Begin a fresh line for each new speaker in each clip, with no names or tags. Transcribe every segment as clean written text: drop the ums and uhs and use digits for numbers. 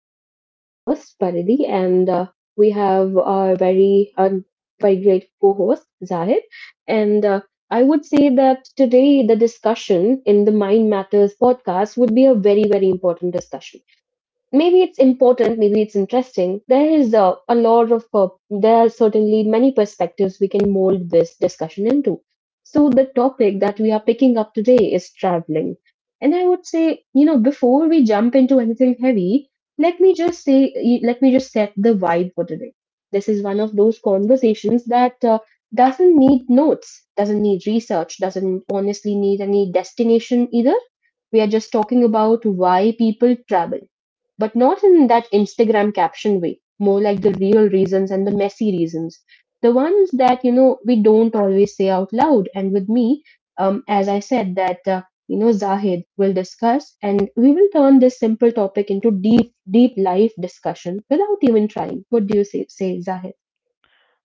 I'm your host, Paridhi, and we have our very great co-host, Zahid. And I would say that today the discussion in the Mind Matters podcast would be a very, very important discussion maybe it's important, maybe it's interesting. There is a lot of, there are certainly many perspectives we can mold this discussion into. So, the topic that we are picking up today is traveling. And I would say, you know, before we jump into anything heavy, let me just set the vibe for today. This is one of those conversations that doesn't need notes, doesn't need research, doesn't honestly need any destination either. We are just talking about why people travel but not in that Instagram caption way, more like the real reasons and the messy reasons. The ones that, you know, we don't always say out loud. And with me, as I said, Zahid will discuss and we will turn this simple topic into deep, deep life discussion without even trying. What do you say Zahid?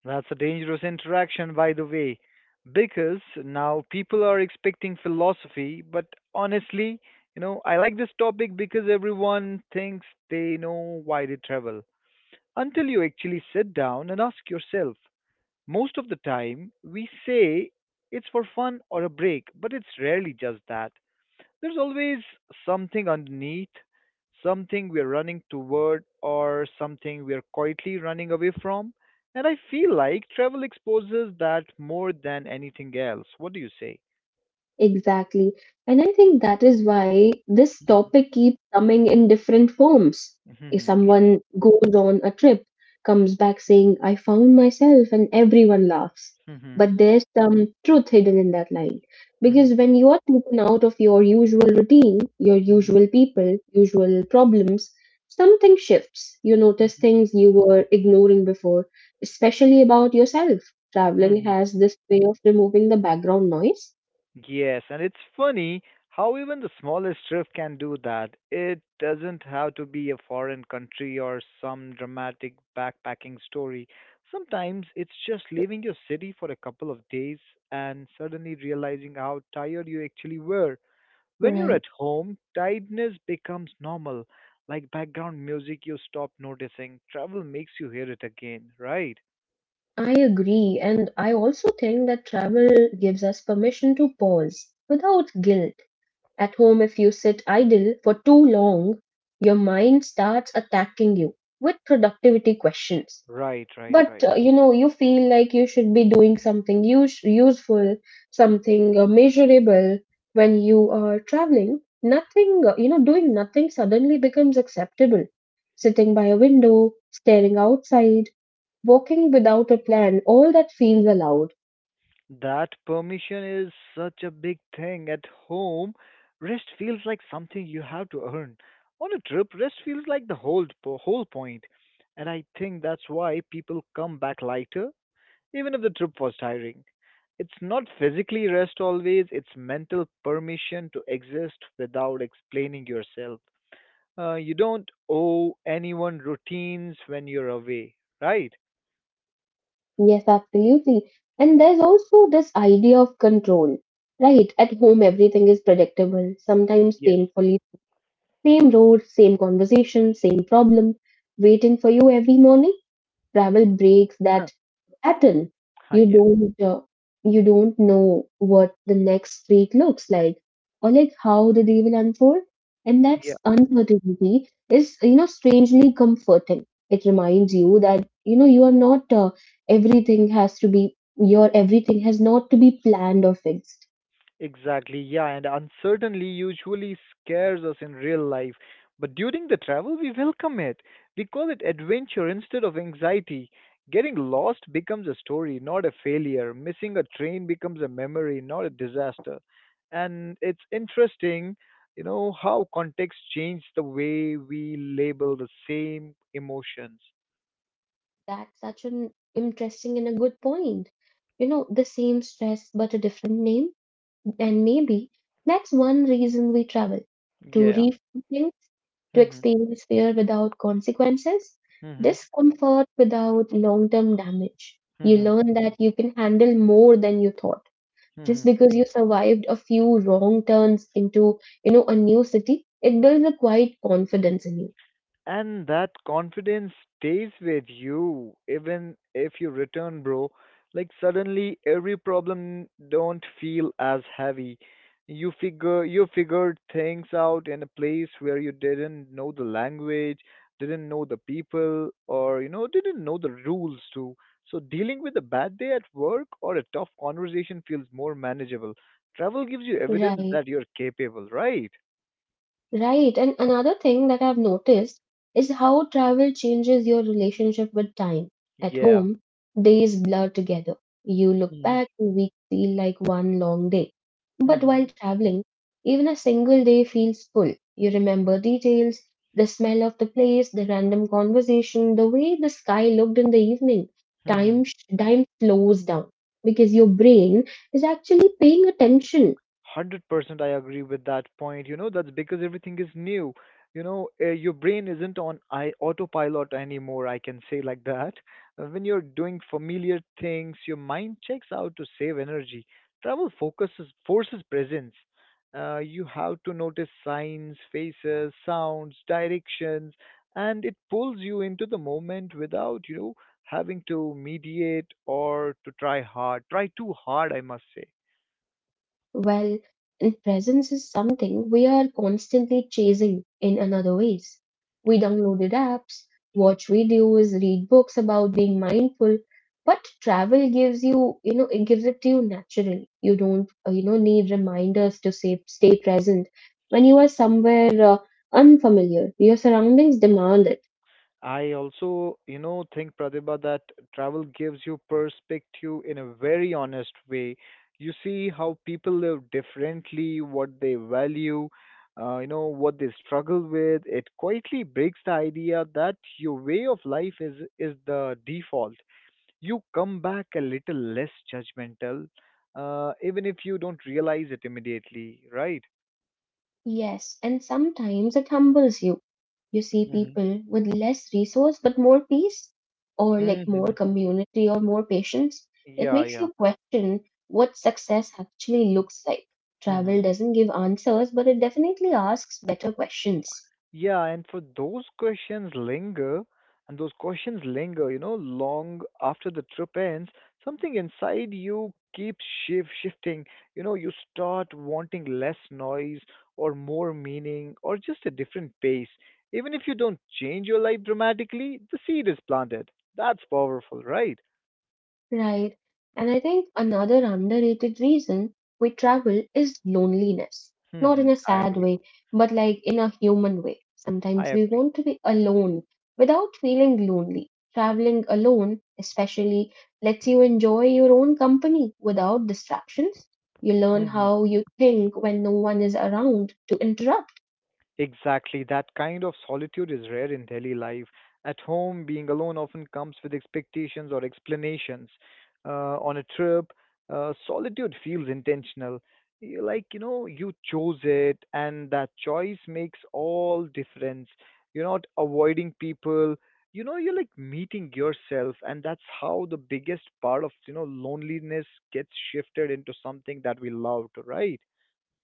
That's a dangerous interaction, by the way, because now people are expecting philosophy. But honestly, I like this topic because everyone thinks they know why they travel until you actually sit down and ask yourself. Most of the time, we say it's for fun or a break, but it's rarely just that. There's always something underneath, something we're running toward, or something we're quietly running away from. And I feel like travel exposes that more than anything else. What do you say?
Exactly. And I think that is why this
Hmm
topic keeps coming in different forms. If
Mm-hmm.
someone goes on a trip, comes back saying, I found myself, and everyone laughs.
Mm-hmm.
But there's some truth hidden in that line.
Mm-hmm.
Because when you are taken out of your usual routine, your
Mhm, mhm,
usual people, usual problems, something shifts. You notice
mhm.
things you were ignoring before, especially about yourself. Traveling
Mhm.
has this way of removing the background noise.
Yes, and it's funny how even the smallest drift can do that. It doesn't have to be a foreign country or some dramatic backpacking story. Sometimes it's just leaving your city for a couple of days and suddenly realizing how tired you actually were. When you're
Right.
at home, tiredness becomes normal, like background music you stop noticing. Travel makes you hear it again, right?
I agree, and I also think that travel gives us permission to pause without guilt. At home, if you sit idle for too long, your mind starts attacking you with productivity questions.
Right, right,
But
right.
you know, you feel like you should be doing something useful, something measurable when you are traveling. Nothing, you know, doing nothing suddenly becomes acceptable. Sitting by a window, staring outside walking without a plan, all that feels allowed.
That permission is such a big thing. At home, rest feels like something you have to earn. On a trip, rest feels like the whole point. And I think that's why people come back lighter, even if the trip was tiring. It's not physically rest always, it's mental permission to exist without explaining yourself. You don't owe anyone routines when you're away, right?
Yes, absolutely. And there's also this idea of control, right? At home, everything is predictable, sometimes
Yes.
painfully. Same road, same conversation, same problem, waiting for you every morning. Travel breaks
Huh.
that Battle.
Hi,
You don't uh, you don't know what the next week looks like or like how the day will unfold. And
yeah.
that's uncertainty is you know strangely comforting. It reminds you that you know you are not everything has not to be planned or fixed.
Exactly, yeah, and uncertainty usually scares us in real life. But during the travel, we welcome it. We call it adventure instead of anxiety. Getting lost becomes a story, not a failure. Missing a train becomes a memory, not a disaster. And it's interesting, how context changes the way we label the same emotions.
That's such an interesting and a good point. You know, the same stress but a different name, and maybe that's one reason we travel to
Yeah.
rethink to
Hmm.
experience fear without consequences,
Hmm.
discomfort without long term damage. You
Hmm.
learn that you can handle more than you thought. Just
Hmm.
because you survived a few wrong turns into, you know, a new city, it builds a quiet confidence in you.
And that confidence stays with you even if you return, bro. Like suddenly every problem don't feel as heavy. You figured things out in a place where you didn't know the language, didn't know the people, or didn't know the rules too. So dealing with a bad day at work or a tough conversation feels more manageable. Travel gives you evidence
Right.
that you're capable, right?
Right. And another thing that I've noticed is how travel changes your relationship with time. At
Yeah.
home, days blur together. You look
Hmm.
back, weeks feel like one long day. But while traveling, even a single day feels full. You remember details, the smell of the place, the random conversation, the way the sky looked in the evening.
Hmm.
Time slows down because your brain is actually paying attention.
100% I agree with that point. That's because everything is new. Your brain isn't on I autopilot anymore, I can say like that. When you're doing familiar things, your mind checks out to save energy. Travel focuses forces presence. You have to notice signs, faces, sounds, directions, and it pulls you into the moment without, having to mediate or try too hard, I must say.
Well, and presence is something we are constantly chasing in another ways. We downloaded apps, watch videos, read books about being mindful, but travel gives you, you know, it gives it to you naturally. You don't, You know, need reminders to say, stay present. When you are somewhere unfamiliar, your surroundings demand it.
I also, think Pratibha that travel gives you perspective in a very honest way. You see how people live differently, what they value, what they struggle with. It quietly breaks the idea that your way of life is the default. You come back a little less judgmental, even if you don't realize it immediately, right?
Yes, and sometimes it humbles you. You see
Mm-hmm.
people with less resource but more peace, or like more
Mm-hmm.
community or more patience. It
Yeah,
makes
yeah.
you question what success actually looks like.
Mm-hmm.
Travel doesn't give answers, but it definitely asks better questions.
Yeah, and for those questions linger, and those questions linger, long after the trip ends, something inside you keeps shift shifting. You start wanting less noise or more meaning or just a different pace. Even if you don't change your life dramatically, the seed is planted. That's powerful, right?
Right. And I think another underrated reason we travel is loneliness. Not in
Hmm,
a
I
sad
agree.
way, but like in a human way.
I
Sometimes we
agree.
want to be alone without feeling lonely. Traveling alone, especially, lets you enjoy your own company without distractions. You learn
Hmm.
how you think when no one is around to interrupt.
Exactly. That kind of solitude is rare in daily life. At home, being alone often comes with expectations or explanations. On a trip, solitude feels intentional. You chose it, and that choice makes all difference. You're not avoiding people. You're like meeting yourself, and that's how the biggest part of, loneliness gets shifted into something that we loved, right?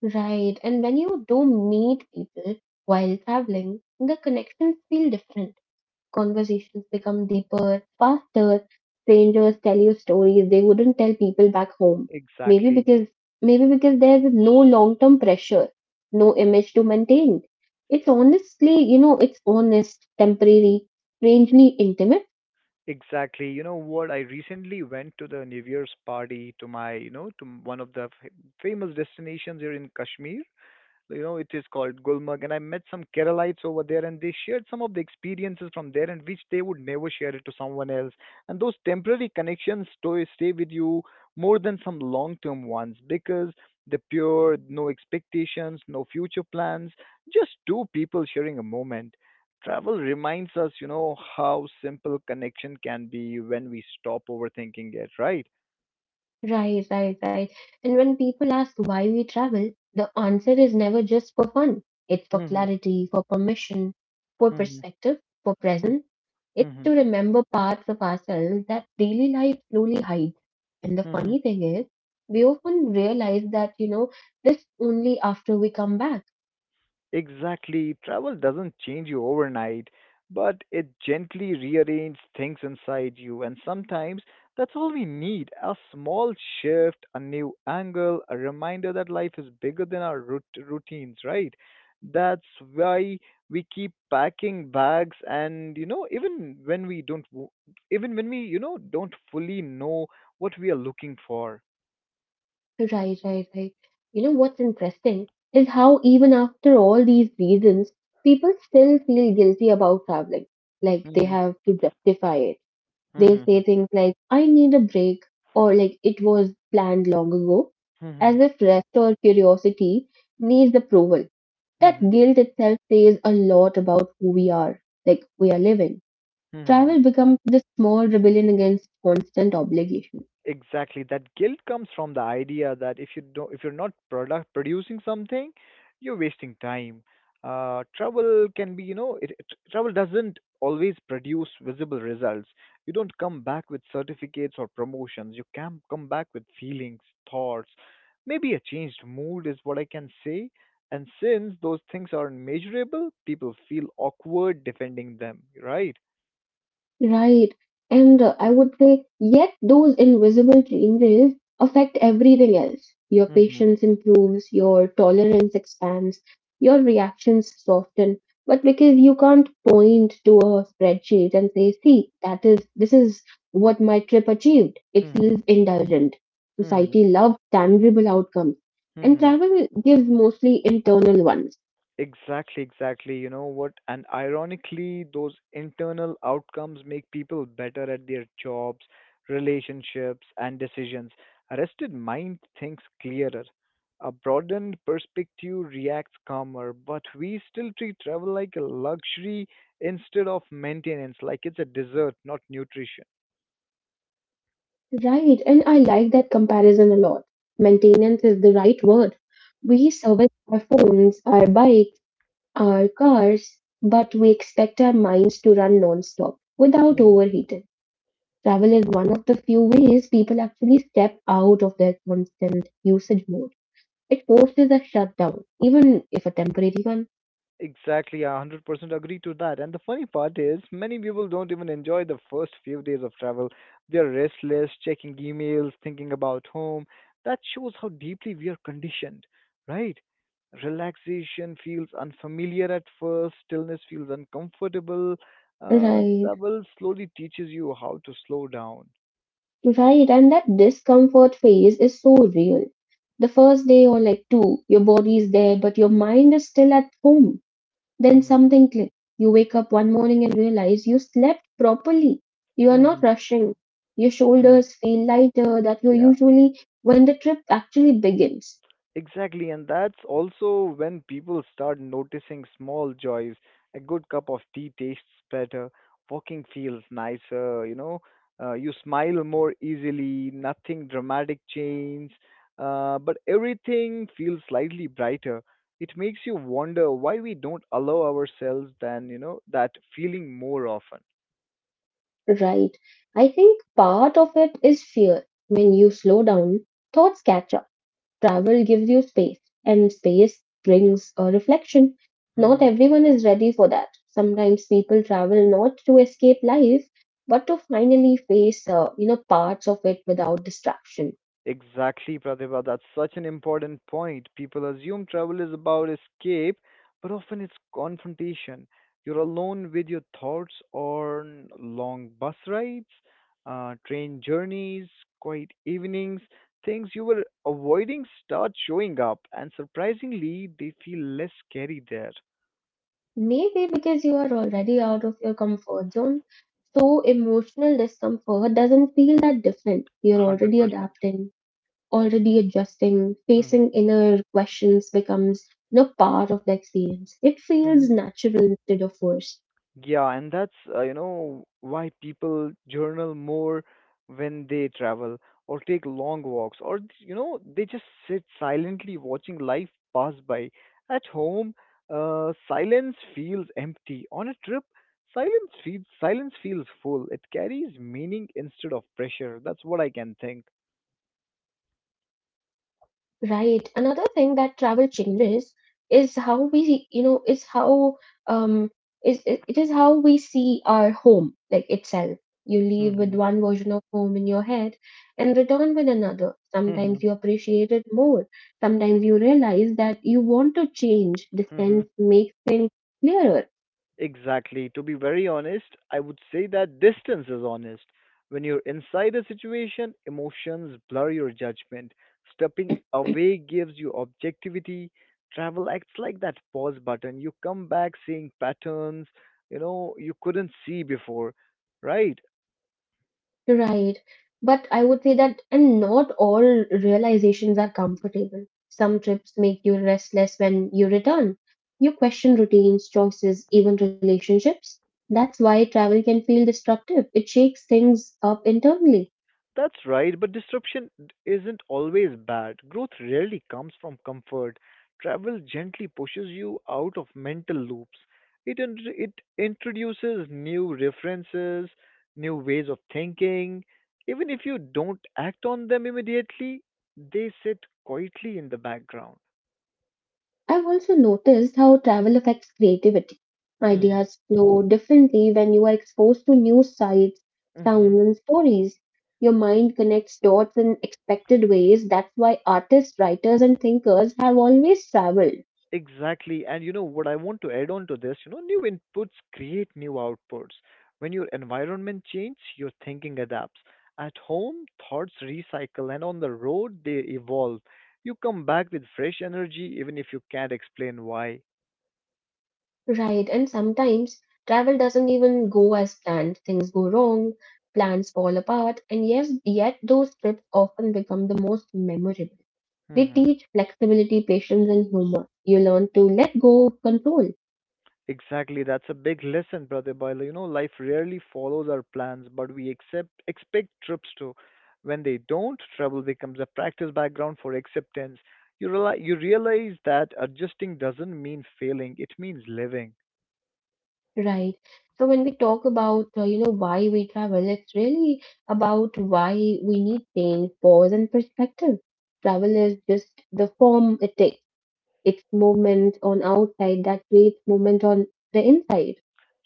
Right. And when you do meet people while traveling, the connections feel different. Conversations become deeper, faster. Strangers tell you stories they wouldn't tell people back home. Maybe
Exactly.
because Maybe because there's no long-term pressure, no image to maintain. It's honestly, you know, it's honest, temporary, strangely intimate.
Exactly. You know what? I recently went to the New Year's party to my, to one of the famous destinations here in Kashmir. So, you know it is called Gulmarg, and I met some Keralites over there, and they shared some of the experiences from there, and which they would never share it to someone else. And those temporary connections to stay with you more than some long-term ones because the pure, no expectations, no future plans, just two people sharing a moment. Travel reminds us, how simple connection can be when we stop overthinking it, right?
Right, right, right. And when people ask why we travel, the answer is never just for fun. It's for
Hmm.
clarity, for permission, for
Hmm.
perspective, for presence. It's
Hmm.
to remember parts of ourselves that daily life slowly hides. And the
Hmm.
funny thing is, we often realize that, you know, this only after we come back.
Exactly. Travel doesn't change you overnight, but it gently rearranges things inside you. And sometimes that's all we need: a small shift, a new angle, a reminder that life is bigger than our routines, right? That's why we keep packing bags and even when we don't w- even when we don't fully know what we are looking for.
Right, right, right. You know, what's interesting is how even after all these reasons, people still feel guilty about traveling, like they
Mhm.
have to justify it. They'll say
Mhm.
things like, I need a break, or like, it was planned long ago, as
Mhm.
if rest or curiosity needs approval. That
Mhm.
guilt itself says a lot about who we are, like, we are living.
Mhm.
Travel becomes the small rebellion against constant obligation.
Exactly. That guilt comes from the idea that if you're not product producing something, you're wasting time. Trouble can be, you know, it, Trouble doesn't always produce visible results. You don't come back with certificates or promotions. You can come back with feelings, thoughts, maybe a changed mood is what I can say. And since those things are measurable, people feel awkward defending them, right?
Right. And I would say, yet those invisible changes affect everything else. Your
Hmm.
patience improves, your tolerance expands, your reactions soften. But because you can't point to a spreadsheet and say, see, this is what my trip achieved, it
Hmm.
feels indulgent.
Hmm.
Society loves tangible outcomes, and
Hmm.
travel gives mostly internal ones.
Exactly, exactly. You know what? And ironically, those internal outcomes make people better at their jobs, relationships, and decisions. A rested mind thinks clearer. A broadened perspective reacts calmer, but we still treat travel like a luxury instead of maintenance, like it's a dessert, not nutrition.
Right, and I like that comparison a lot. Maintenance is the right word. We service our phones, our bikes, our cars, but we expect our minds to run non-stop without overheating. Travel is one of the few ways people actually step out of their constant usage mode. It forces a shutdown, even if a temporary one.
Exactly, I 100% agree to that. And the funny part is, many people don't even enjoy the first few days of travel. They're restless, checking emails, thinking about home. That shows how deeply we are conditioned, right? Relaxation feels unfamiliar at first, stillness feels uncomfortable.
Right,
Travel slowly teaches you how to slow down.
right, and that discomfort phase is so real. The first day or like two, your body is there, but your mind is still at home. Then
Mm-hmm.
something clicks. You wake up one morning and realize you slept properly. You are
Mm-hmm.
not rushing. Your
Hmm.
shoulders feel lighter that you
Yeah.
usually when the trip actually begins.
Exactly, and that's also when people start noticing small joys. A good cup of tea tastes better, walking feels nicer, you smile more easily, nothing dramatic change, but everything feels slightly brighter. It makes you wonder why we don't allow ourselves then, that feeling more often.
Right. I think part of it is fear. When you slow down, thoughts catch up. Travel gives you space, and space brings a reflection. Not everyone is ready for that. Sometimes people travel not to escape life, but to finally face, you know, parts of it without distraction.
Exactly, Pratibha. That's such an important point. People assume travel is about escape, but often it's confrontation. You're alone with your thoughts on long bus rides, train journeys, quiet evenings. Things you were avoiding start showing up, and surprisingly, they feel less scary there.
Maybe because you are already out of your comfort zone, so emotional discomfort doesn't feel that different. You're
100%
already
percent
adapting. Already adjusting, facing inner questions becomes no part of the experience. It feels
percent.
natural instead of forced.
Yeah, and that's why people journal more when they travel or take long walks or they just sit silently watching life pass by. At home, silence feels empty. On a trip, silence feels full. It carries meaning instead of pressure. That's what I can think.
Right. Another thing that travel changes is how we, you know, is how um is it it is how we see our home like itself. You leave
Mm-hmm.
with one version of home in your head and return with another.
Mm-hmm.
Sometimes you appreciate it more. Sometimes you realize that you want to change. Distance makes things clearer.
Exactly. To be very honest, I would say that distance is honest. When you're inside a situation, emotions blur your judgment. Stepping away gives you objectivity. Travel acts like that pause button. You come back seeing patterns, you couldn't see before, right?
Right. But I would say that, and not all realizations are comfortable. Some trips make you restless when you return. You question routines, choices, even relationships. That's why travel can feel disruptive. It shakes things up internally.
That's right, but disruption isn't always bad. Growth rarely comes from comfort. Travel gently pushes you out of mental loops. It introduces new references, new ways of thinking. Even if you don't act on them immediately, they sit quietly in the background.
I've also noticed how travel affects creativity. Ideas flow differently when you are exposed to new sights,
Hmm.
sounds, and stories. Your mind connects dots in expected ways. That's why artists, writers, and thinkers have always traveled.
Exactly. And you know what I want to add on to this, new inputs create new outputs. When your environment changes, your thinking adapts. At home, thoughts recycle, and on the road, they evolve. You come back with fresh energy, even if you can't explain why.
Right, and sometimes travel doesn't even go as planned. Things go wrong, plans fall apart, and yes, yet those trips often become the most memorable. They
Mm-hmm.
teach flexibility, patience, and humor. You learn to let go of control.
Exactly, that's a big lesson, brother Boiler. Life rarely follows our plans, but we accept expect trips to. When they don't, travel becomes a practice background for acceptance. You realize that adjusting doesn't mean failing; it means living.
Right. So when we talk about, you know, why we travel, it's really about why we need change, pause, and perspective. Travel is just the form it takes. It's movement on outside that creates movement on the inside.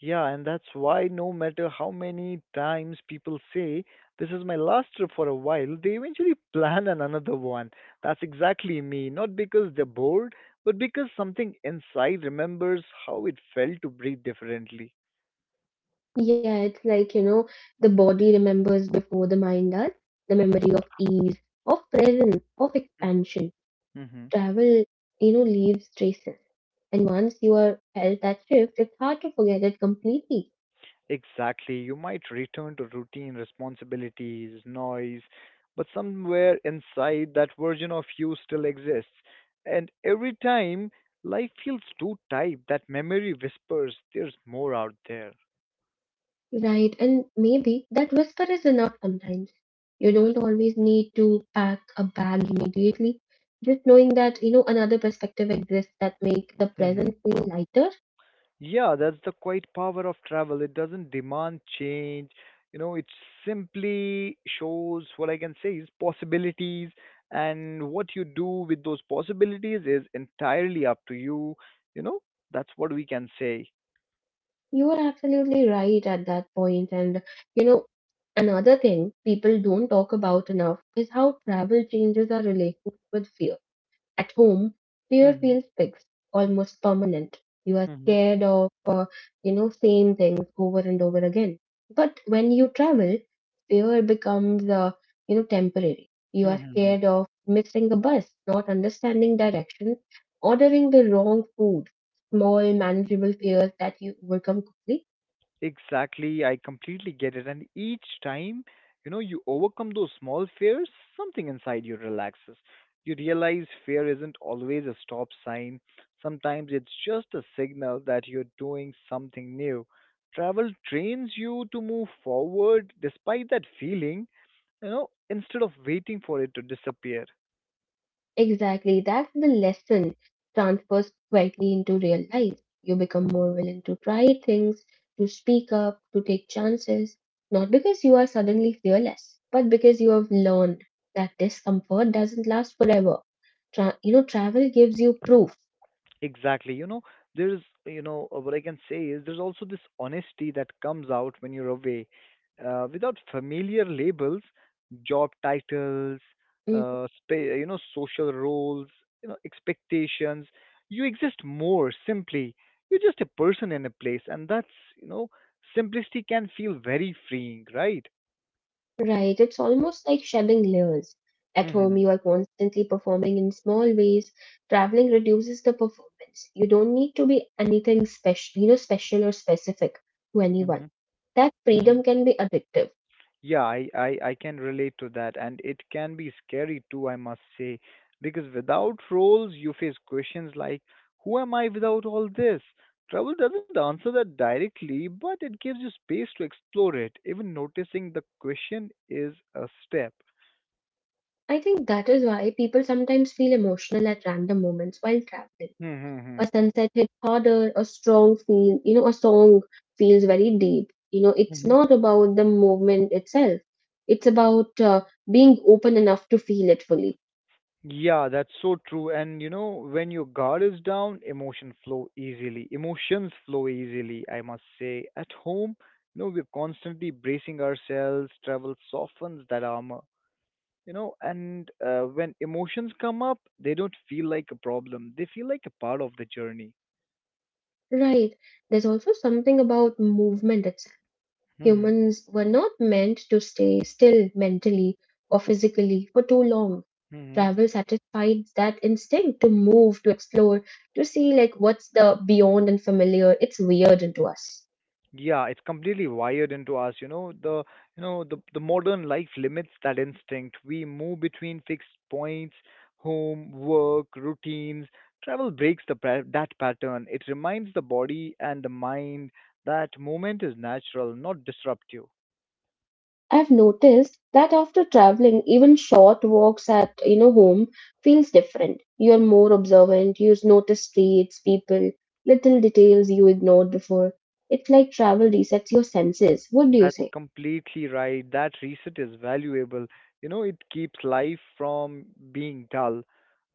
Yeah, and that's why no matter how many times people say, this is my last trip for a while, they eventually another one. That's exactly me. Not because they're bored, but because something inside remembers how it felt to breathe differently.
Yeah, it's like, you know, the body remembers before the mind does, the memory of ease, of presence, of expansion.
Mm-hmm.
Travel, you know, leaves traces. And once you are felt that shift, it's hard to forget it completely.
Exactly. You might return to routine responsibilities, noise, but somewhere inside that version of you still exists. And every time life feels too tight, that memory whispers, there's more out there.
Right. And maybe that whisper is enough sometimes. You don't always need to pack a bag immediately. Just knowing that, you know, another perspective exists that make the present feel lighter.
Yeah, that's the quite power of travel. It doesn't demand change. It simply shows what I can say is possibilities, and what you do with those possibilities is entirely up to you. You know, that's what we can say.
You are absolutely right at that point. And, you know, another thing people don't talk about enough is how travel changes our relationship with fear. At home, fear
Hmm.
feels fixed, almost permanent. You are
Hmm.
scared of, you know, same things over and over again. But when you travel, fear becomes, you know, temporary. You are
Hmm.
scared of missing the bus, not understanding directions, ordering the wrong food, small, manageable fears that you overcome quickly.
Exactly, I completely get it. And each time, you overcome those small fears, something inside you relaxes. You realize fear isn't always a stop sign. Sometimes it's just a signal that you're doing something new. Travel trains you to move forward despite that feeling, instead of waiting for it to disappear.
Exactly. That's the lesson transfers quietly into real life. You become more willing to try things, to speak up, to take chances, not because you are suddenly fearless, but because you have learned that discomfort doesn't last forever. Travel gives you proof.
Exactly. You know, there's, you know, what I can say is there's also this honesty that comes out when you're away. Without familiar labels, job titles,
Mm.
social roles, expectations, you exist more simply. You're just a person in a place, and you know, simplicity can feel very freeing, right?
Right, it's almost like shedding layers. At home,
Mm-hmm.
you are constantly performing in small ways. Traveling reduces the performance. You don't need to be anything special, special or specific to anyone.
Mm-hmm.
That freedom can be addictive.
Yeah, I can relate to that, and it can be scary too, I must say, because without roles, you face questions like, who am I without all this? Travel doesn't answer that directly, but it gives you space to explore it. Even noticing the question is a step.
I think that is why people sometimes feel emotional at random moments while traveling.
Hmm,
A
hmm,
sunset hit harder, a strong feel, a song feels very deep. You know, it's
hmm.
not about the movement itself. It's about being open enough to feel it fully.
Yeah, that's so true. When your guard is down, emotions flow easily, I must say. At home, we're constantly bracing ourselves. Travel softens that armor. You know, and when emotions come up, they don't feel like a problem. They feel like a part of the journey.
Right. There's also something about movement itself. Humans were not meant to stay still mentally or physically for too long.
Mm-hmm.
Travel satisfied that instinct to move, to explore, to see like what's the beyond and familiar. It's weird into us.
Yeah, it's completely wired into us, the modern life limits that instinct. We move between fixed points, home, work, routines. Travel breaks that pattern. It reminds the body and the mind that movement is natural, not disruptive.
I've noticed that after traveling, even short walks at home feels different. You're more observant. You notice streets, people, little details you ignored before. It's like travel resets your senses. What do you
That's
say?
completely right. That reset is valuable. You know, it keeps life from being dull.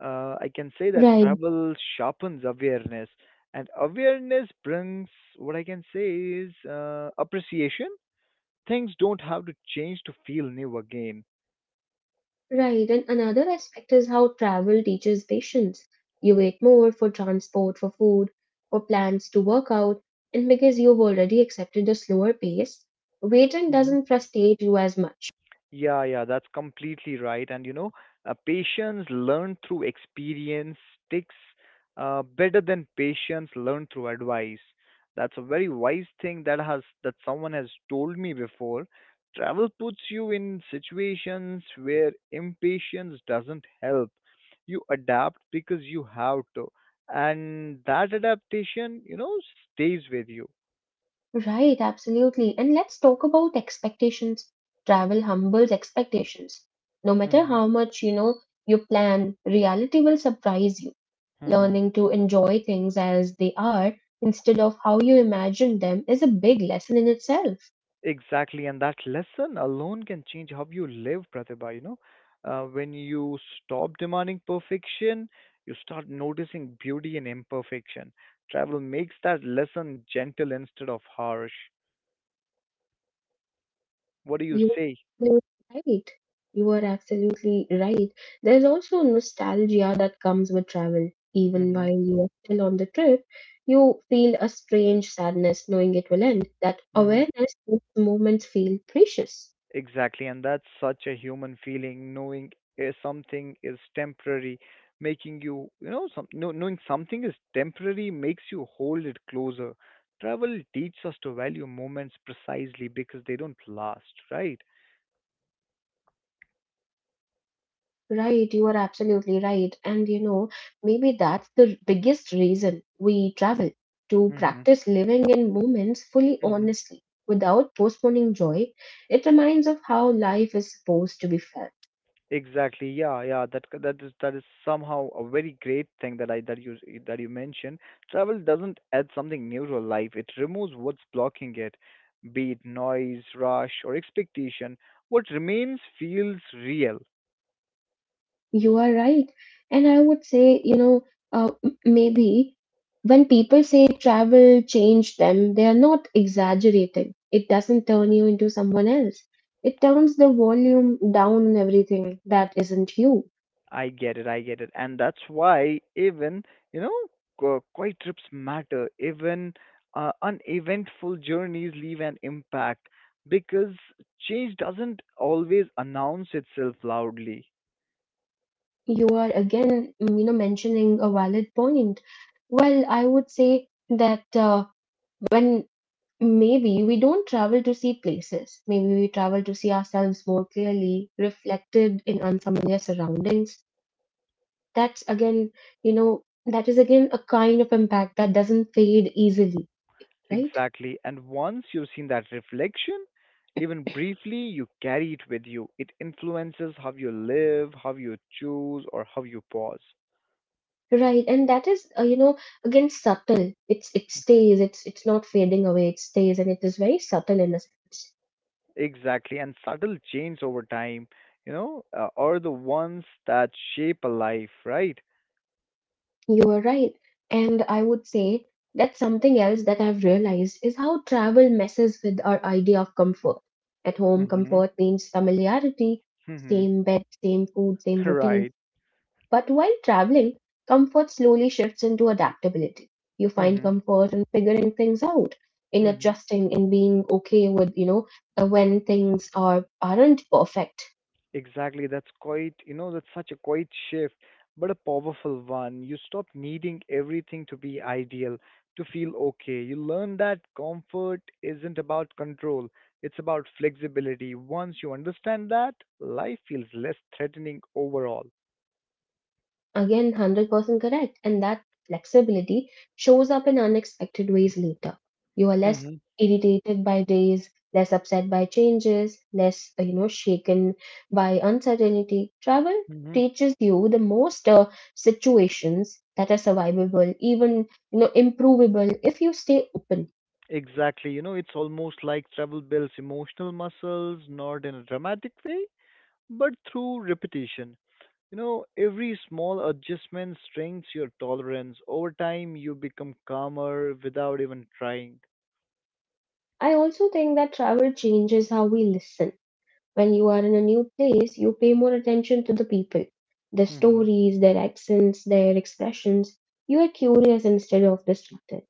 I can say that
Right,
travel sharpens awareness, and awareness brings what I can say is appreciation. Things don't have to change to feel new again.
right. And another aspect is how travel teaches patience. You wait more for transport, for food, for plans to work out, and because you've already accepted the slower pace, waiting doesn't frustrate you as much.
Yeah, that's completely right. Patience learned through experience sticks better than patience learned through advice. That's a very wise thing that someone has told me before. Travel puts you in situations where impatience doesn't help. You adapt because you have to, and that adaptation stays with you.
Right, absolutely. And let's talk about expectations. Travel humbles expectations. No matter
Mm-hmm.
how much you know you plan, reality will surprise you.
Mm-hmm.
Learning to enjoy things as they are instead of how you imagine them is a big lesson in itself.
Exactly, and that lesson alone can change how you live, Pratibha. When you stop demanding perfection, you start noticing beauty in imperfection. Travel makes that lesson gentle instead of harsh. What do you
You
say?
are right. You are absolutely right. There's also nostalgia that comes with travel. Even
Mm-hmm.
while you are still on the trip, you feel a strange sadness knowing it will end. That
Mm-hmm.
awareness makes moments feel precious.
Exactly, and that's such a human feeling, knowing something is temporary, making you, you know, some, know- knowing something is temporary makes you hold it closer. Travel teaches us to value moments precisely because they don't last, right?
Right, you are absolutely right. And you know, maybe that's the biggest reason we travel to
Hmm.
practice living in moments fully honestly without postponing joy. It reminds of how life is supposed to be felt.
Exactly. Yeah. That is somehow a very great thing that I that you s- that you mentioned. Travel doesn't add something new to life. It removes what's blocking it, be it noise, rush, or expectation. What remains feels real.
You are right. And I would say, you know, maybe when people say travel changed them, they are not exaggerating. It doesn't turn you into someone else. It turns the volume down on everything that isn't you.
I get it. I get it. And that's why even you know quiet trips matter. Even uneventful journeys leave an impact because change doesn't always announce itself loudly.
You are again, you know, mentioning a valid point. Well, I would say that when maybe we don't travel to see places, maybe we travel to see ourselves more clearly, reflected in unfamiliar surroundings. That's again, you know, that is again a kind of impact that doesn't fade easily. Right,
Exactly. And once you've seen that reflection, even briefly, you carry it with you. It influences how you live, how you choose, or how you pause.
right. And that is you know, again subtle. It stays, it's not fading away, it stays, and it is very subtle in a sense.
Exactly. And subtle change over time, are the ones that shape a life, right?
You are right, and I would say that something else that I've realized is how travel messes with our idea of comfort. At home,
Mm-hmm.
comfort means familiarity,
Mm-hmm.
same bed, same food, same routine.
Right.
But while traveling, comfort slowly shifts into adaptability. You find
Mm-hmm.
comfort in figuring things out, in
Mm-hmm.
adjusting, in being okay with, you know, when things are aren't perfect.
Exactly. That's quite, you know, that's such a quiet shift, but a powerful one. You stop needing everything to be ideal, to feel okay. You learn that comfort isn't about control, it's about flexibility. Once you understand that, life feels less threatening overall.
Again, 100% correct. And that flexibility shows up in unexpected ways later. You are less
Mm-hmm.
irritated by days, less upset by changes, less, you know, shaken by uncertainty. Travel
Mm-hmm.
teaches you the most situations that are survivable, even, you know, improvable if you stay open.
Exactly. You know, it's almost like travel builds emotional muscles, not in a dramatic way, but through repetition. You know, every small adjustment strengthens your tolerance. Over time, you become calmer without even trying.
I also think that travel changes how we listen. When you are in a new place, you pay more attention to the people, their
Hmm.
stories, their accents, their expressions. You are curious instead of distracted.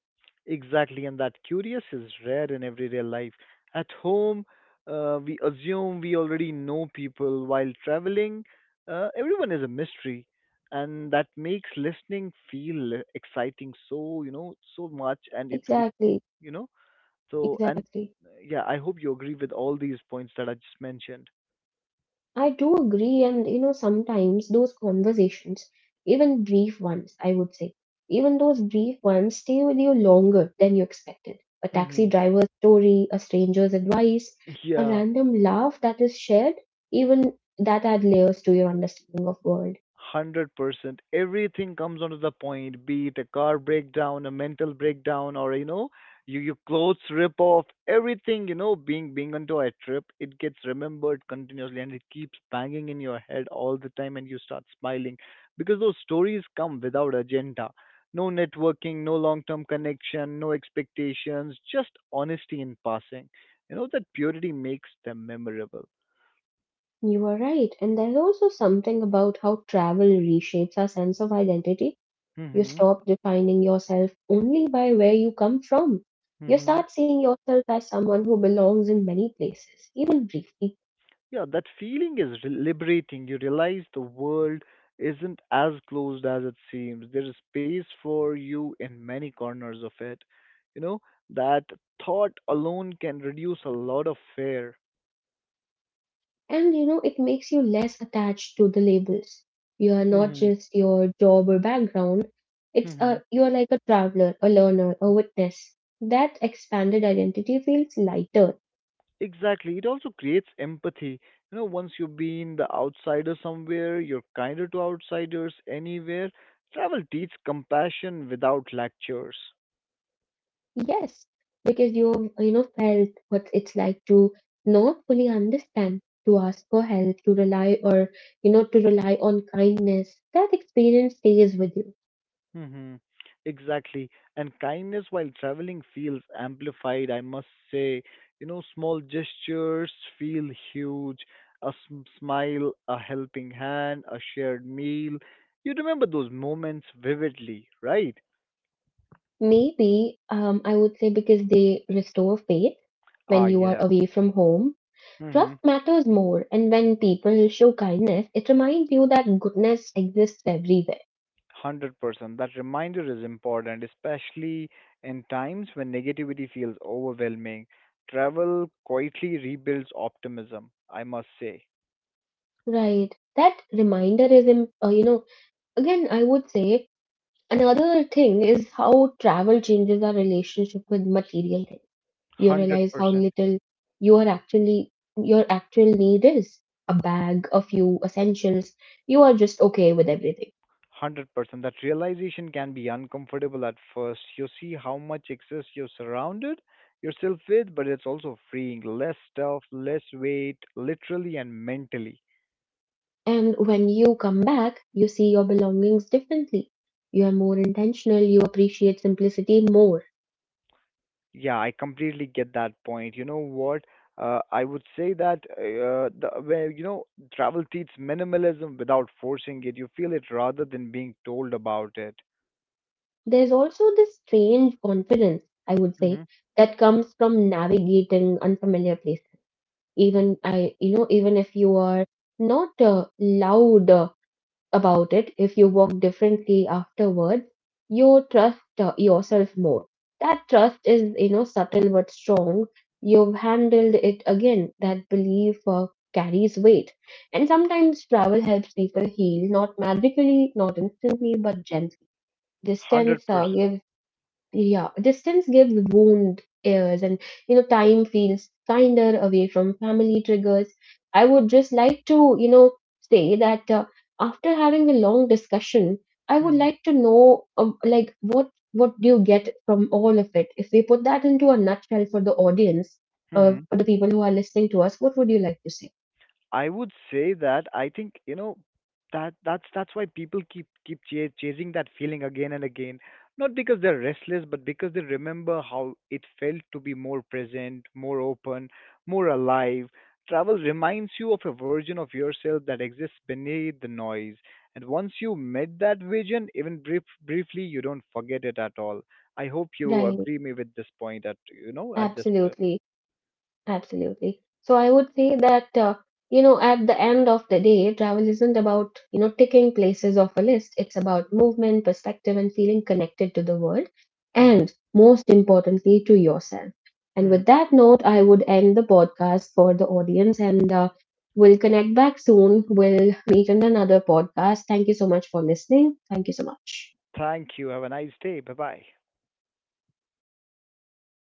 Exactly, and that curious is rare in everyday life. At home, we assume we already know people. While traveling, everyone is a mystery, and that makes listening feel exciting so, you know, so much. And it,
Exactly,
you know, so
exactly.
and Yeah, I hope you agree with all these points that I just mentioned.
I do agree, and you know, sometimes those conversations, even brief ones, I would say, even those brief ones stay with you longer than you expected. A taxi
Hmm.
driver's story, a stranger's advice, a
Yeah.
random laugh that is shared, even that add layers to your understanding of world.
100% everything comes onto the point, be it a car breakdown, a mental breakdown, or you know, you, your clothes rip off, everything, you know, being onto a trip it gets remembered continuously and it keeps banging in your head all the time and you start smiling because those stories come without agenda, no networking, no long term connection, no expectations, just honesty in passing. You know, that purity makes them memorable.
You are right. And there's also something about how travel reshapes our sense of identity. You
Mhm.
stop defining yourself only by where you come from. You start seeing yourself as someone who belongs in many places, even briefly.
Yeah, that feeling is re- liberating. You realize the world isn't as closed as it seems. There is space for you in many corners of it. You know, that thought alone can reduce a lot of fear.
And you know, it makes you less attached to the labels. You are not
Mm-hmm.
just your job or background. It's
Mm-hmm.
a you're like a traveler, a learner, a witness. That expanded identity feels lighter.
Exactly. It also creates empathy. You know, once you've been the outsider somewhere, you're kinder to outsiders anywhere. Travel teaches compassion without lectures.
Yes, because you know felt what it's like to not fully understand, to ask for help, to rely or you know to rely on kindness. That experience stays with you.
Mm-hmm. Exactly. And kindness while traveling feels amplified, I must say. You know, small gestures feel huge. Smile, a helping hand, a shared meal. You remember those moments vividly, right?
Maybe I would say because they restore faith
Ah,
when you are
yeah.
away from home. Trust
Mm-hmm.
matters more, and when people show kindness, it reminds you that goodness exists everywhere.
100%. That reminder is important, especially in times when negativity feels overwhelming. Travel quietly rebuilds optimism, I must say.
Right. That reminder is, you know, again, I would say another thing is how travel changes our relationship with material things. You realize how
100%.
little your actual need is. A bag, a few essentials. You are just okay with everything.
100%. That realization can be uncomfortable at first. You see how much excess you're surrounded yourself with, but it's also freeing. Less stuff, less weight, literally and mentally.
And when you come back, you see your belongings differently. You are more intentional, you appreciate simplicity more.
Yeah, I completely get that point. You know what? I would say that the, where you know travel teaches minimalism without forcing it. You feel it rather than being told about it.
There's also this strange confidence, I would say,
Hmm.
that comes from navigating unfamiliar places, even I you know even if you are not loud about it. If you walk differently afterwards, you trust yourself more. That trust is, you know, subtle but strong. You've handled it, again that belief, carries weight. And sometimes travel helps people heal, not magically, not instantly, but gently.
Hundred
Distance
percent.
gives, yeah, distance gives wound airs, and you know, time feels kinder away from family triggers. I would just like to, you know, say that after having a long discussion, I would like to know, like, what do you get from all of it? If we put that into a nutshell for the audience,
Hmm.
for the people who are listening to us, what would you like to say?
I would say that I think you know that's why people chasing that feeling again and again, not because they're restless, but because they remember how it felt to be more present, more open, more alive. Travel reminds you of a version of yourself that exists beneath the noise, and once you met that vision, briefly, you don't forget it at all. I hope you
Right,
agree me with this point at this.
absolutely. Absolutely. So I would say that, you know, at the end of the day, travel isn't about, you know, ticking places off a list. It's about movement, perspective, and feeling connected to the world. And most importantly, to yourself. And
Hmm.
with that note, I would end the podcast for the audience and we'll connect back soon. We'll meet in another podcast. Thank you so much for listening. Thank you so much.
Thank you. Have a nice day. Bye bye.